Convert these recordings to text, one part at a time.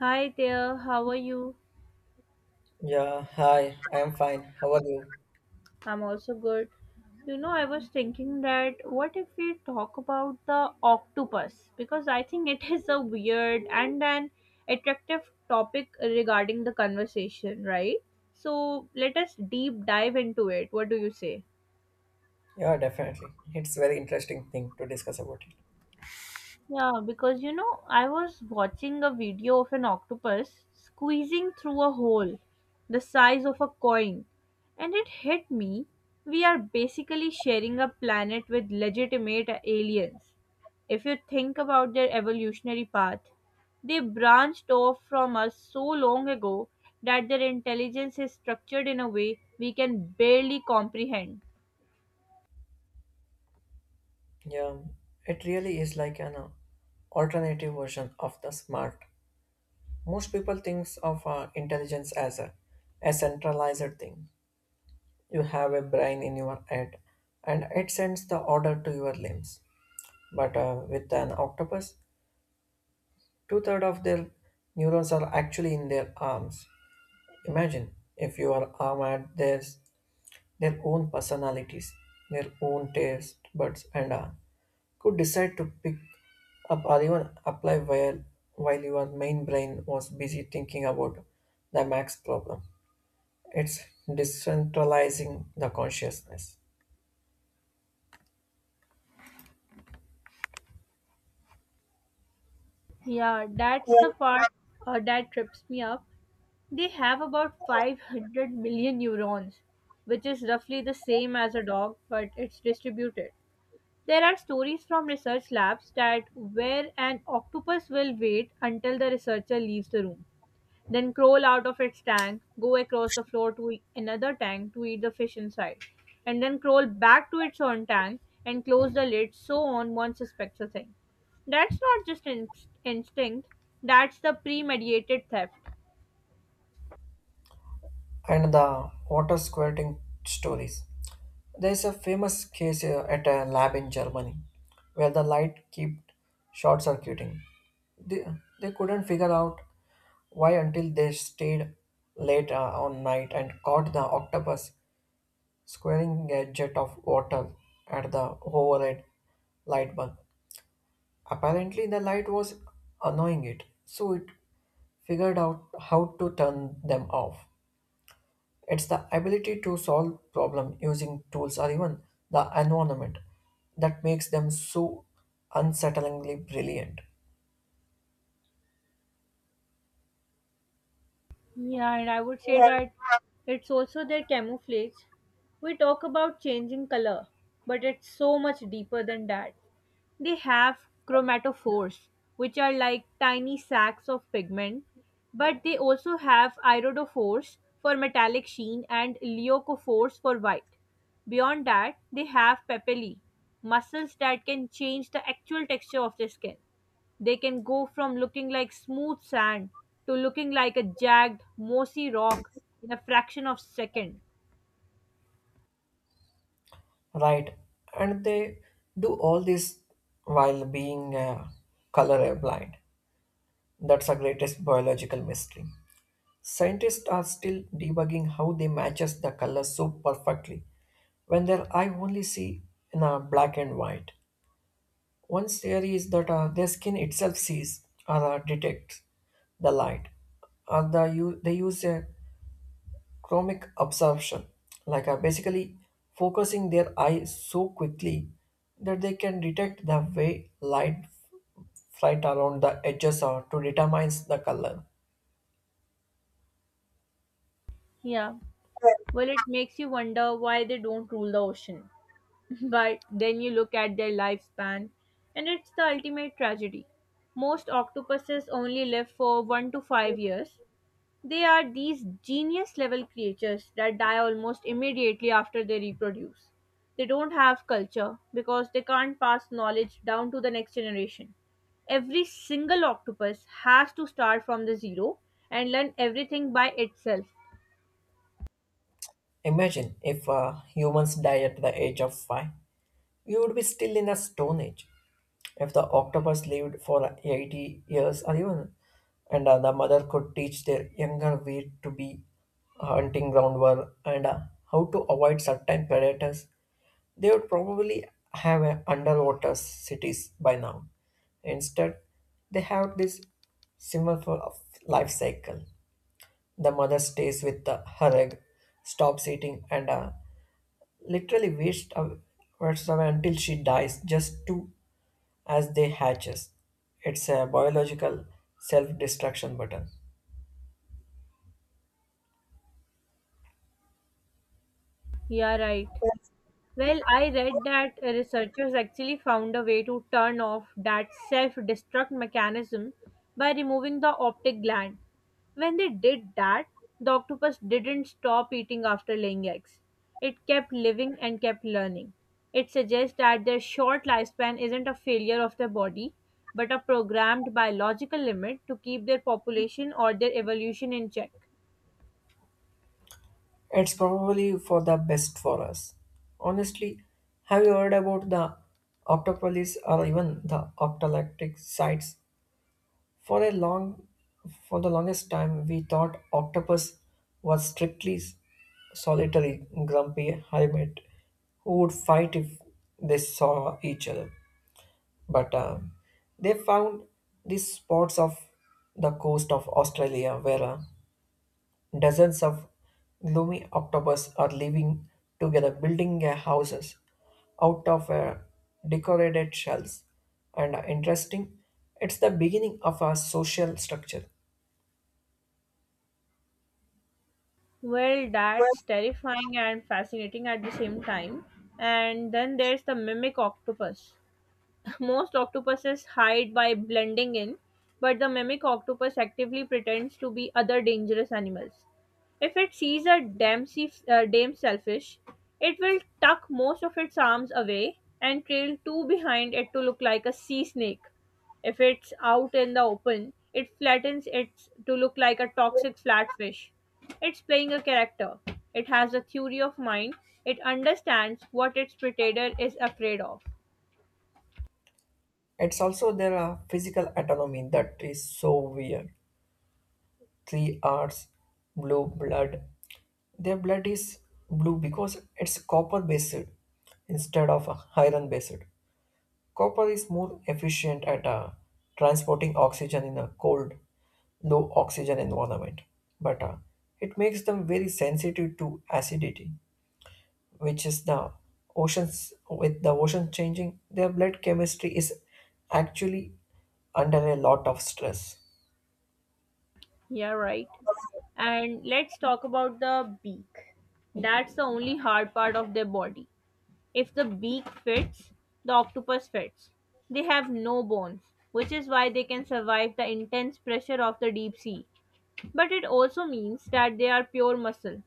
Hi there, how are you? Yeah, hi, I am fine. How are you? I'm also good. You know, I was thinking that what if we talk about the octopus? Because I think it is a weird and an attractive topic regarding the conversation, right? So let us deep dive into it. What do you say? Yeah, definitely. It's a very interesting thing to discuss about it. Yeah, because you know, I was watching a video of an octopus squeezing through a hole the size of a coin, and it hit me. We are basically sharing a planet with legitimate aliens. If you think about their evolutionary path, they branched off from us so long ago that their intelligence is structured in a way we can barely comprehend. Yeah, it really is like an alternative version of the smart. Most people thinks of intelligence as a centralized thing. You have a brain in your head and it sends the order to your limbs. But with an octopus, two-thirds of their neurons are actually in their arms. Imagine if your arm had this their own personalities, their own taste buds, and could decide to pick up or even apply while your main brain was busy thinking about the max problem. It's decentralizing the consciousness. Yeah, that's the part that trips me up. They have about 500 million neurons, which is roughly the same as a dog, but it's distributed. There are stories from research labs that where an octopus will wait until the researcher leaves the room, then crawl out of its tank, go across the floor to another tank to eat the fish inside, and then crawl back to its own tank and close the lid so on one suspects a thing. That's not just instinct, that's the premeditated theft. And the water squirting stories. There's a famous case at a lab in Germany where the light kept short circuiting. They, they couldn't figure out why until they stayed late on night and caught the octopus squirting a jet of water at the overhead light bulb. Apparently, the light was annoying it, so it figured out how to turn them off. It's the ability to solve problem using tools or even the environment that makes them so unsettlingly brilliant, Yeah, and I would say that it's also their camouflage. We talk about changing color, but it's so much deeper than that. They have chromatophores, which are like tiny sacs of pigment, but they also have iridophores for metallic sheen and leucophores for white. Beyond that, they have papillae, muscles that can change the actual texture of the skin. They can go from looking like smooth sand to looking like a jagged, mossy rock in a fraction of a second. right? And they do all this while being colorblind. That's the greatest biological mystery. Scientists are still debugging how they matches the colors so perfectly when their eye only see in a black and white. One theory is that their skin itself sees or detects the light, or they use a chromic absorption, like basically focusing their eye so quickly that they can detect the way light flight around the edges or to determine the color. Yeah. Well, it makes you wonder why they don't rule the ocean. But then you look at their lifespan, and it's the ultimate tragedy. Most octopuses only live for 1 to 5 years. They are these genius level creatures that die almost immediately after they reproduce. They don't have culture because they can't pass knowledge down to the next generation. Every single octopus has to start from the zero and learn everything by itself. Imagine if humans die at the age of five. You would be still in the Stone Age. If the octopus lived for 80 years or even, and the mother could teach their younger where to be hunting ground were and how to avoid certain predators, they would probably have underwater cities by now. Instead, they have this symbol for a life cycle. The mother stays with the her egg, stops eating, and literally waste away until she dies just to as they hatches. It's a biological self-destruction button. Yeah, right. Well, I read that researchers actually found a way to turn off that self destruct mechanism by removing the optic gland. When they did that, the octopus didn't stop eating after laying eggs. It kept living and kept learning. It suggests that their short lifespan isn't a failure of their body, but a programmed biological limit to keep their population or their evolution in check. It's probably for the best for us. Honestly, have you heard about the octopolis or even the octalactic sites? For a long for the longest time we thought octopus was strictly solitary grumpy hermit who would fight if they saw each other. But they found these spots of the coast of Australia where dozens of gloomy octopus are living together, building their houses out of decorated shells. And interesting, it's the beginning of a social structure. Well, that's terrifying and fascinating at the same time. And then there's the mimic octopus. Most octopuses hide by blending in, but the mimic octopus actively pretends to be other dangerous animals. If it sees a damn, sea, damn selfish, it will tuck most of its arms away and trail two behind it to look like a sea snake. If it's out in the open, it flattens it to look like a toxic flatfish. It's playing a character. It has a theory of mind. It understands what its predator is afraid of. It's also their physical autonomy that is so weird. Three R's blue blood. Their blood is blue because it's copper based instead of iron based. Copper is more efficient at transporting oxygen in a cold, low oxygen environment, but it makes them very sensitive to acidity, which is the ocean changing. Their blood chemistry is actually under a lot of stress. Yeah, right. And let's talk about the beak. That's the only hard part of their body. If the beak fits, the octopus fits. They have no bones, which is why they can survive the intense pressure of the deep sea. But it also means that they are pure muscle.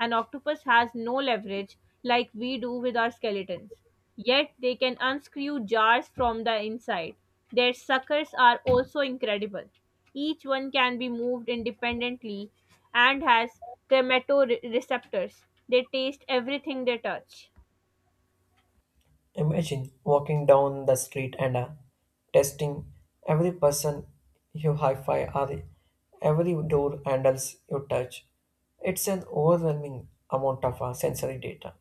An octopus has no leverage like we do with our skeletons. Yet they can unscrew jars from the inside. Their suckers are also incredible. Each one can be moved independently and has thermatoreceptors. They taste everything they touch. Imagine walking down the street and testing every person you hi fi or every door handles you touch. It's an overwhelming amount of sensory data.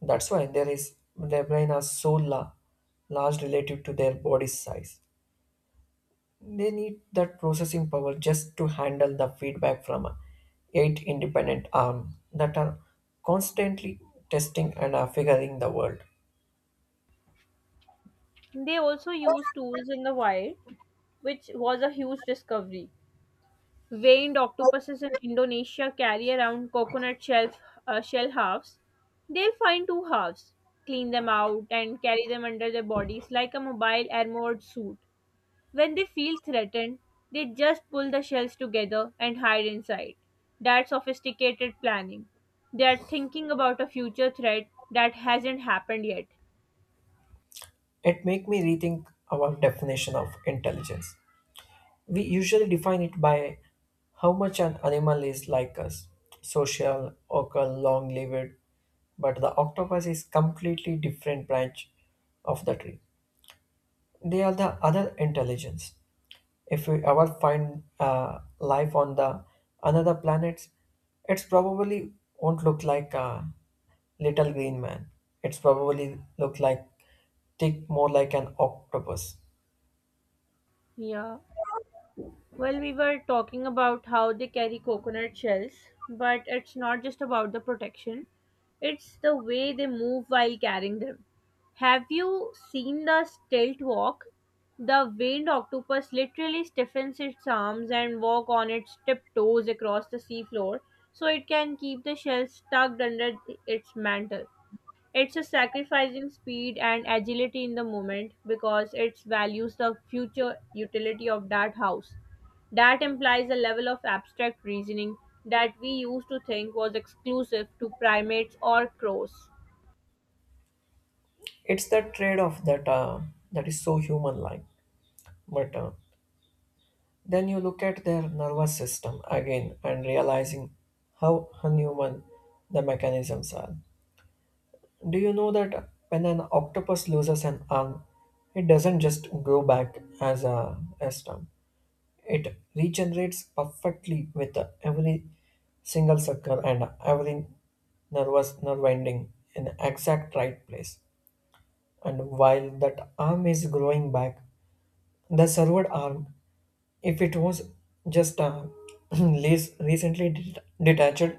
That's why there is their brain are so large relative to their body size. They need that processing power just to handle the feedback from eight independent arms that are constantly testing and figuring the world. They also use tools in the wild, which was a huge discovery. Veined octopuses in Indonesia carry around coconut shell halves. They'll find two halves, clean them out, and carry them under their bodies like a mobile armored suit. When they feel threatened, they just pull the shells together and hide inside. That's sophisticated planning. They are thinking about a future threat that hasn't happened yet. It make me rethink our definition of intelligence. We usually define it by how much an animal is like us, social, vocal, long-lived, but the octopus is completely different branch of the tree. They are the other intelligence. If we ever find life on the another planets, it's probably won't look like a little green man. It's probably look like think more like an octopus. Yeah. Well, we were talking about how they carry coconut shells, but it's not just about the protection, it's the way they move while carrying them. Have you seen the stilt walk? The veined octopus literally stiffens its arms and walk on its tiptoes across the seafloor so it can keep the shells tucked under its mantle. It's a sacrificing speed and agility in the moment because it values the future utility of that house. That implies a level of abstract reasoning that we used to think was exclusive to primates or crows. It's that trade-off that is so human like but then you look at their nervous system again and realizing how unhuman the mechanisms are. Do you know that when an octopus loses an arm it doesn't just grow back as a stump? It regenerates perfectly with every single sucker and every nervous nerve ending in exact right place, and while that arm is growing back the served arm, if it was just less recently detached,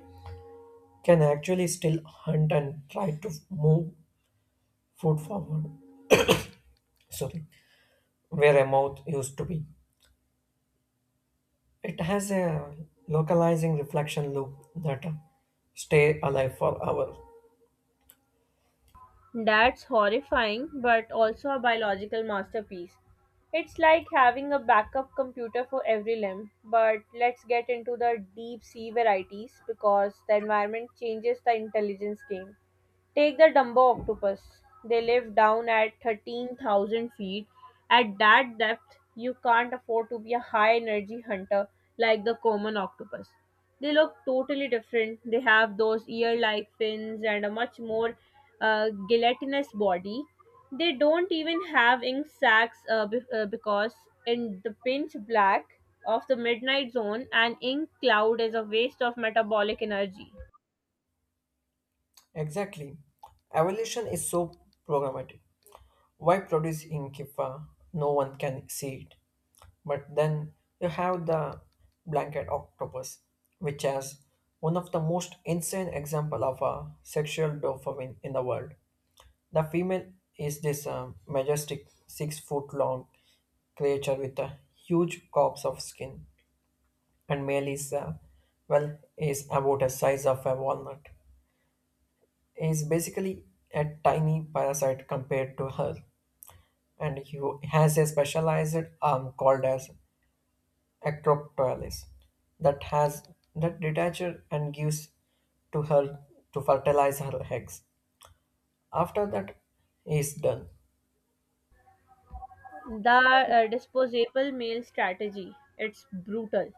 can actually still hunt and try to move food forward. Sorry, where a mouth used to be. It has a localizing reflection loop that stay alive for hours. That's horrifying, but also a biological masterpiece. It's like having a backup computer for every limb, but let's get into the deep sea varieties because the environment changes the intelligence game. Take the Dumbo octopus. They live down at 13,000 feet. At that depth, you can't afford to be a high energy hunter like the common octopus. They look totally different. They have those ear like fins and a much more gelatinous body. They don't even have ink sacs because, in the pinch black of the midnight zone, an ink cloud is a waste of metabolic energy. Exactly. Evolution is so programmatic. Why produce ink if no one can see it? But then you have the blanket octopus, which has one of the most insane example of a sexual dopamine in the world. The female is this majestic 6 foot long creature with a huge corpse of skin, and male is about the size of a walnut. Is basically a tiny parasite compared to her, and he has a specialized arm called as acropolis that has that detaches and gives to her to fertilize her eggs. After that is done, The disposable male strategy. It's brutal.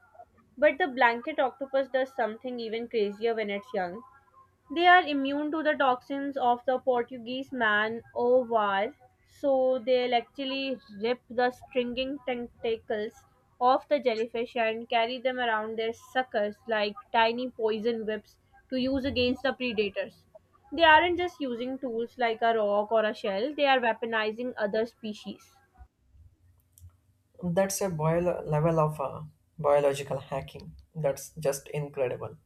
But the blanket octopus does something even crazier when it's young. They are immune to the toxins of the Portuguese man o' war, so they'll actually rip the stringing tentacles off the jellyfish and carry them around their suckers like tiny poison whips to use against the predators. They aren't just using tools like a rock or a shell, they are weaponizing other species. that's a boil level of biological hacking that's just incredible.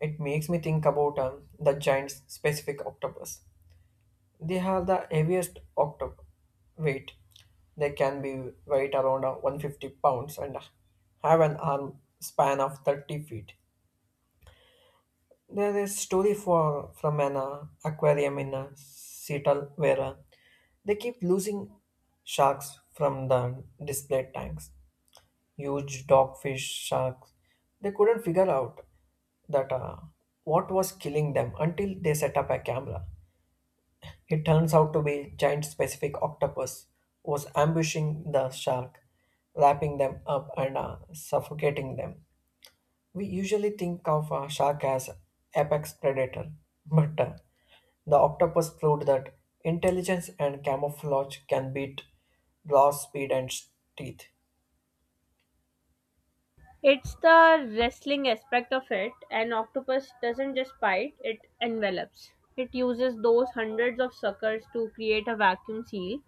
It makes me think about the giant specific octopus. They have the heaviest octopus weight. They can be weight around 150 pounds and have an arm span of 30 feet. There is story for from an aquarium in Seattle where they keep losing sharks from the display tanks. Huge dogfish sharks. They couldn't figure out that what was killing them until they set up a camera. It turns out to be giant specific octopus was ambushing the shark, wrapping them up and suffocating them. We usually think of a shark as apex predator, but the octopus proved that intelligence and camouflage can beat glass speed and teeth. It's the wrestling aspect of it. An octopus doesn't just bite, it envelops. It uses those hundreds of suckers to create a vacuum seal.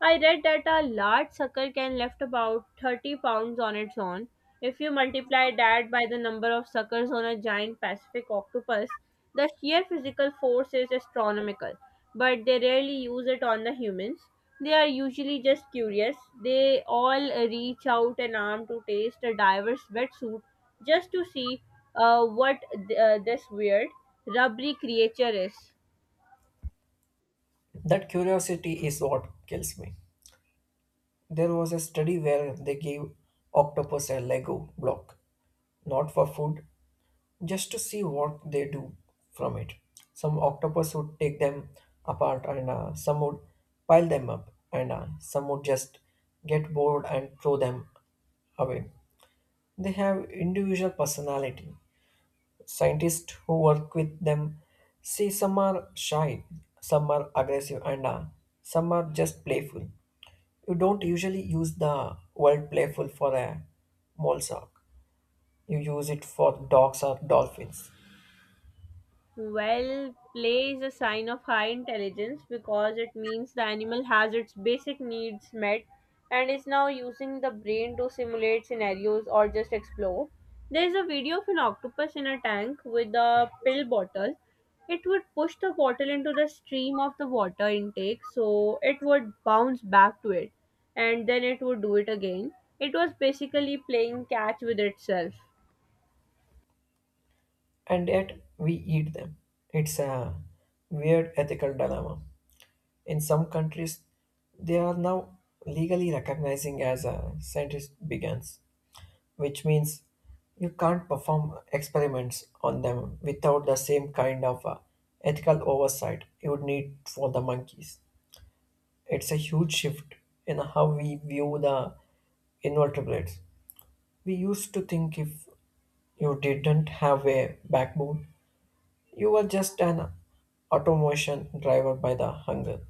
I read that a large sucker can lift about 30 pounds on its own. If you multiply that by the number of suckers on a giant Pacific octopus, the sheer physical force is astronomical. But they rarely use it on the humans. They are usually just curious. They all reach out an arm to taste a diver's wetsuit just to see what this weird, rubbery creature is. That curiosity is what kills me. There was a study where they gave octopus a Lego block, not for food, just to see what they do from it. Some octopus would take them apart, and some would pile them up, and some would just get bored and throw them away. They have individual personality. Scientists who work with them see some are shy, some are aggressive, and some are just playful. You don't usually use the word playful for a mole shark. You use it for dogs or dolphins. Well, play is a sign of high intelligence because it means the animal has its basic needs met and is now using the brain to simulate scenarios or just explore. There is a video of an octopus in a tank with a pill bottle. It would push the bottle into the stream of the water intake so it would bounce back to it, and then it would do it again. It was basically playing catch with itself. And yet we eat them. It's a weird ethical dilemma. In some countries, they are now legally recognizing as a scientist begins, which means you can't perform experiments on them without the same kind of ethical oversight you would need for the monkeys. It's a huge shift in how we view the invertebrates. We used to think if you didn't have a backbone, you were just an automation driver by the hunger.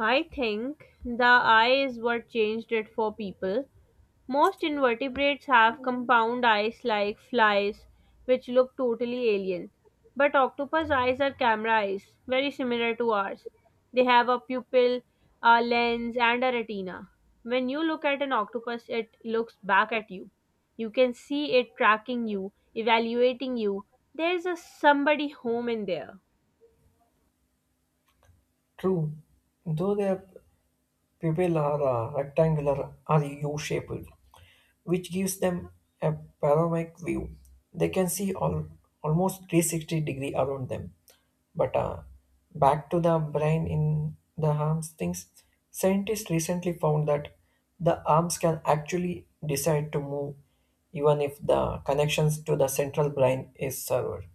I think the eye is what changed it for people. Most invertebrates have compound eyes like flies, which look totally alien. But octopus eyes are camera eyes, very similar to ours. They have a pupil, a lens, and a retina. When you look at an octopus, it looks back at you. You can see it tracking you, evaluating you. There's a somebody home in there. True, though their pupil are rectangular or U-shaped, which gives them a panoramic view. They can see almost 360-degree around them. But back to the brain in the arms things, scientists recently found that the arms can actually decide to move even if the connections to the central brain is severed.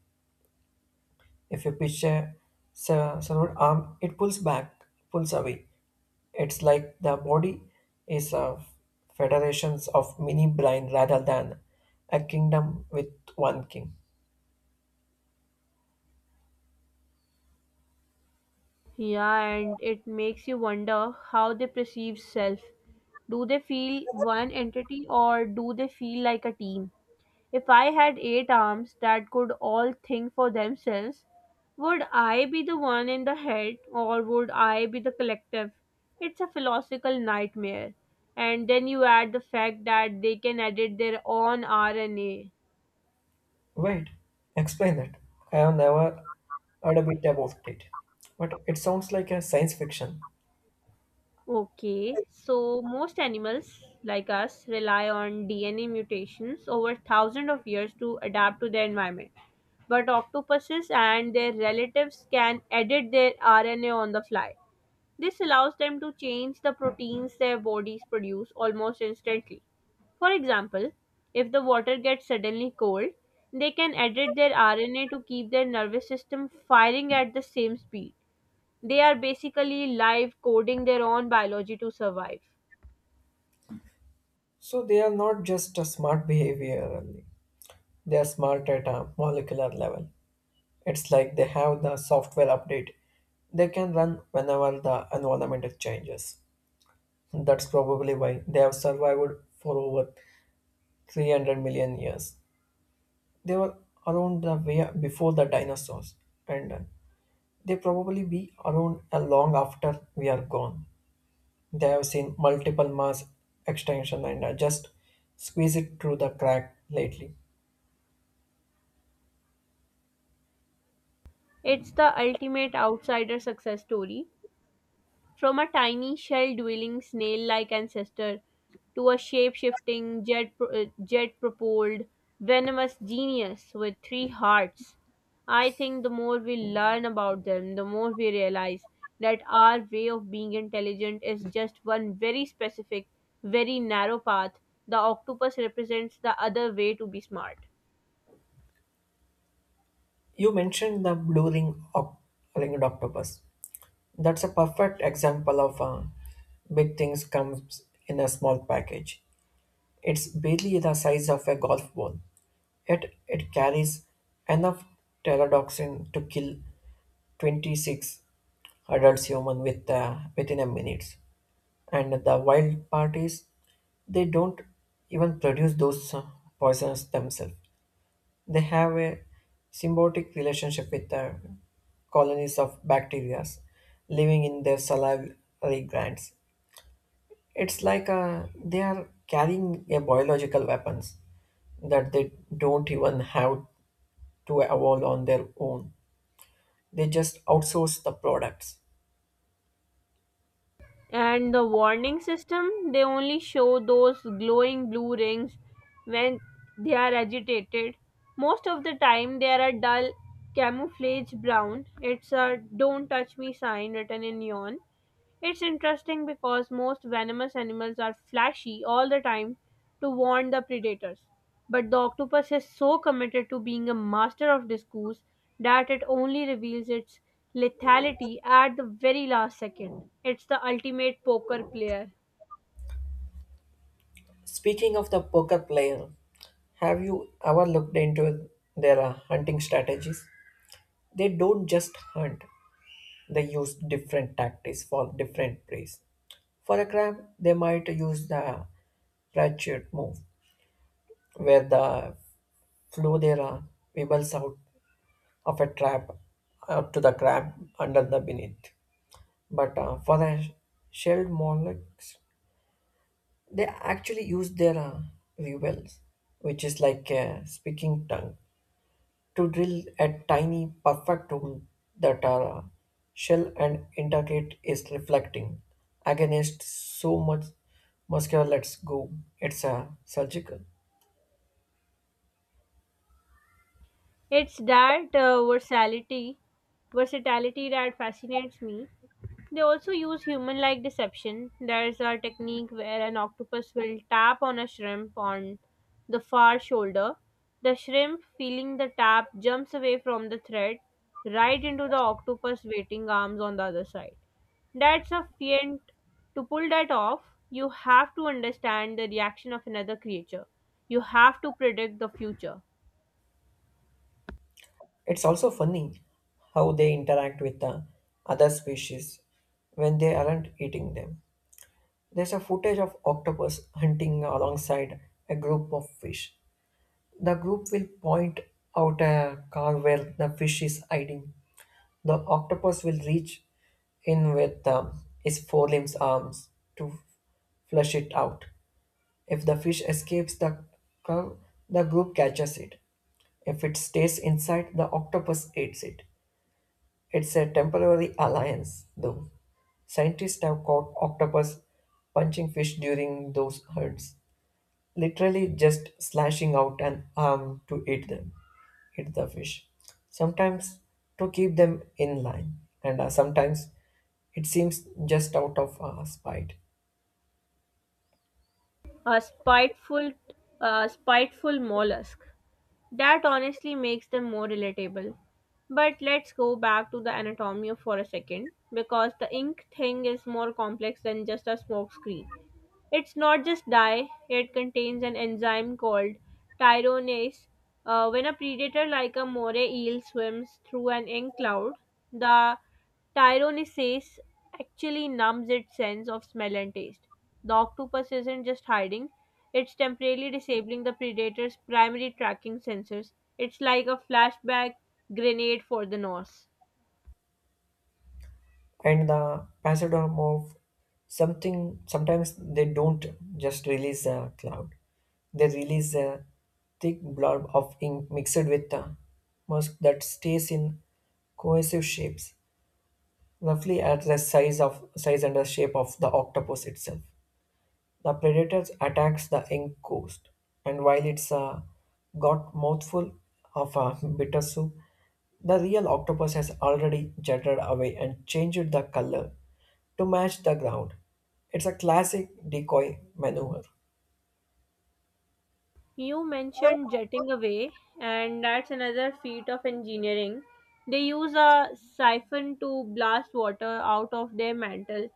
If you pitch a severed arm, it pulls away. It's like the body is a federations of mini brain rather than a kingdom with one king. Yeah, and it makes you wonder how they perceive self. Do they feel one entity or do they feel like a team? If I had eight arms that could all think for themselves, would I be the one in the head or would I be the collective? It's a philosophical nightmare. And then you add the fact that they can edit their own RNA. Wait, explain that. I have never heard a bit about it, but it sounds like a science fiction. Okay, so most animals like us rely on DNA mutations over thousands of years to adapt to their environment. But octopuses and their relatives can edit their RNA on the fly. This allows them to change the proteins their bodies produce almost instantly. For example, if the water gets suddenly cold, they can edit their RNA to keep their nervous system firing at the same speed. They are basically live coding their own biology to survive. So they are not just a smart behaviorally; they are smart at a molecular level. It's like they have the software update. They can run whenever the environment changes. That's probably why they have survived for over 300 million years. They were around the way before the dinosaurs, and they probably be around long after we are gone. They have seen multiple mass extinction and just squeeze it through the crack lately. It's the ultimate outsider success story. From a tiny shell dwelling snail like ancestor to a shape shifting, jet propelled, venomous genius with 3 hearts. I think the more we learn about them, the more we realize that our way of being intelligent is just one very specific, very narrow path. The octopus represents the other way to be smart. You mentioned the ringed octopus. That's a perfect example of big things comes in a small package. It's barely the size of a golf ball, yet it carries enough pterodoxin to kill 26 adult human with within a minute. And the wild part is they don't even produce those poisons themselves. They have a symbiotic relationship with the colonies of bacteria living in their salivary glands. It's like they are carrying a biological weapons that they don't even have to evolve on their own. They just outsource the products. And the warning system, they only show those glowing blue rings when they are agitated. Most of the time, they are a dull camouflage brown. It's a don't touch me sign written in neon. It's interesting because most venomous animals are flashy all the time to warn the predators, but the octopus is so committed to being a master of disguise that it only reveals its lethality at the very last second. It's the ultimate poker player. Speaking of the poker player, have you ever looked into their hunting strategies? They don't just hunt, they use different tactics for different preys. For a crab, they might use the ratchet move, where the flow their pebbles out of a trap to the crab under the beneath. But for the shelled mollusks, they actually use their rivels, which is like a speaking tongue, to drill a tiny perfect hole that our shell and integrate is reflecting against so much muscular. Let's go. It's surgical. It's that versatility that fascinates me. They also use human-like deception. There's a technique where an octopus will tap on a shrimp on the far shoulder. The shrimp, feeling the tap, jumps away from the thread right into the octopus waiting arms on the other side. That's a feint. To pull that off, you have to understand the reaction of another creature. You have to predict the future. It's also funny how they interact with the other species when they aren't eating them. There's a footage of octopus hunting alongside a group of fish. The group will point out a car where the fish is hiding. The octopus will reach in with its forelimbs arms to flush it out. If the fish escapes the car, the group catches it. If it stays inside, the octopus eats it. It's a temporary alliance, though. Scientists have caught octopus punching fish during those hunts, literally just slashing out an arm to eat the fish. Sometimes to keep them in line, and sometimes it seems just out of spite. a spiteful a spiteful mollusk. That honestly makes them more relatable. But let's go back to the anatomy for a second because the ink thing is more complex than just a smokescreen. It's not just dye, it contains an enzyme called tyronase. When a predator like a moray eel swims through an ink cloud, the tyrosinase actually numbs its sense of smell and taste. The octopus isn't just hiding, it's temporarily disabling the predator's primary tracking sensors. It's like a flashback grenade for the nose. And the passadorm of something sometimes they don't just release a cloud, they release a thick blob of ink mixed with a musk that stays in cohesive shapes roughly at the size of size and the shape of the octopus itself. The predator attacks the young ghost, and while it's got mouthful of a bitter soup, the real octopus has already jetted away and changed the color to match the ground. It's a classic decoy maneuver. You mentioned jetting away, and that's another feat of engineering. They use a siphon to blast water out of their mantle.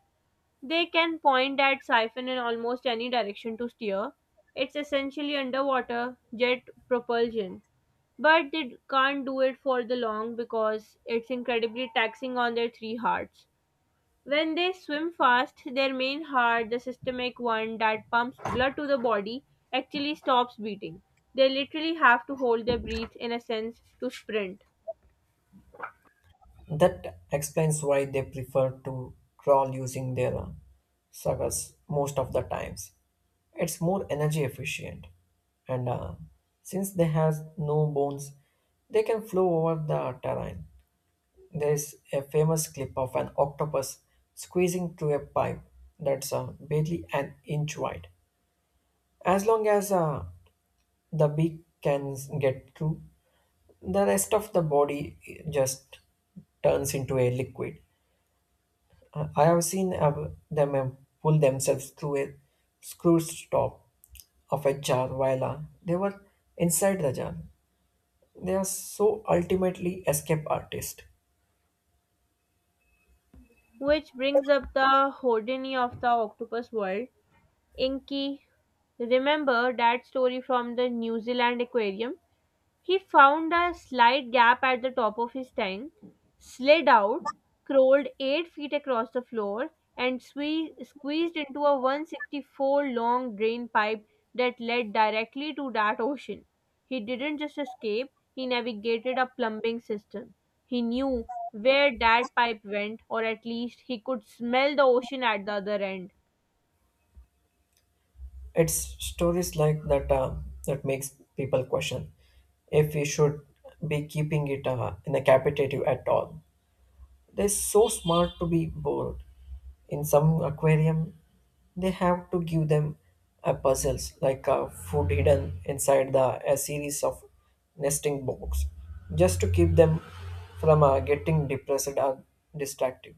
They can point that siphon in almost any direction to steer. It's essentially underwater jet propulsion. But they can't do it for the long because it's incredibly taxing on their 3 hearts. When they swim fast, their main heart, the systemic one that pumps blood to the body, actually stops beating. They literally have to hold their breath in a sense to sprint. That explains why they prefer to crawl using their sagas most of the times. It's more energy efficient, and since they have no bones, they can flow over the terrain. There is a famous clip of an octopus squeezing through a pipe that's barely an inch wide. As long as the beak can get through, the rest of the body just turns into a liquid. I have seen them pull themselves through a screw stop of a jar while they were inside the jar. They are so ultimately escape artists. Which brings up the hodini of the octopus world. Inky, remember that story from the New Zealand aquarium? He found a slight gap at the top of his tank, slid out, crawled 8 feet across the floor, and squeezed into a 164 long drain pipe that led directly to that ocean. He didn't just escape, he navigated a plumbing system. He knew where that pipe went, or at least he could smell the ocean at the other end. It's stories like that that makes people question if we should be keeping it in a capitative at all. They're so smart to be bored. In some aquarium, they have to give them a puzzles like a food hidden inside the a series of nesting box, just to keep them from getting depressed or distracted.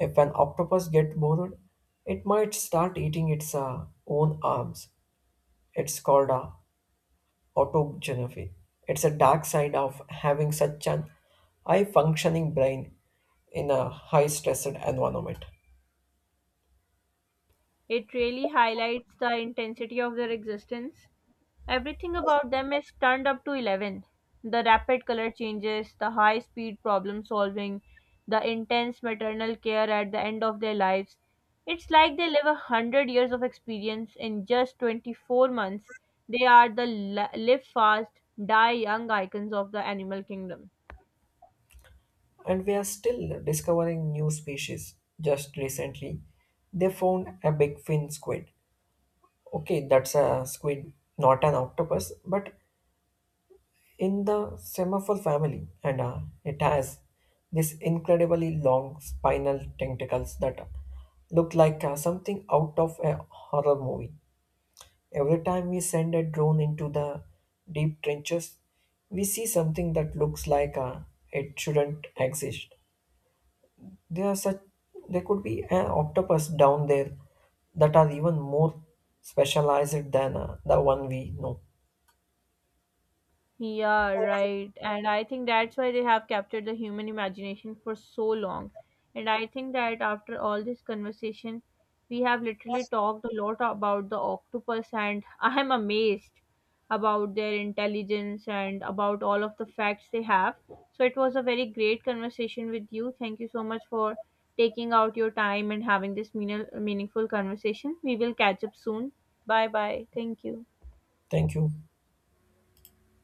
If an octopus get bored, it might start eating its own arms. It's called a autogenophy. It's a dark side of having such an high functioning brain in a high stressed environment. It really highlights the intensity of their existence. Everything about them is turned up to 11. The rapid color changes, the high speed problem solving, the intense maternal care at the end of their lives. It's like they live 100 years of experience in just 24 months. They are the live fast, die young icons of the animal kingdom. And we are still discovering new species. Just recently, they found a big fin squid. Okay, that's a squid, not an octopus, but in the semaphore family, and it has this incredibly long spinal tentacles that look like something out of a horror movie. Every time we send a drone into the deep trenches, we see something that looks like it shouldn't exist. There are such There could be an octopus down there that are even more specialized than the one we know. Yeah, right. And I think that's why they have captured the human imagination for so long. And I think that after all this conversation, we have literally talked a lot about the octopus, and I am amazed about their intelligence and about all of the facts they have. So it was a very great conversation with you. Thank you so much for taking out your time and having this meaningful conversation. We will catch up soon. Bye bye. Thank you. Thank you.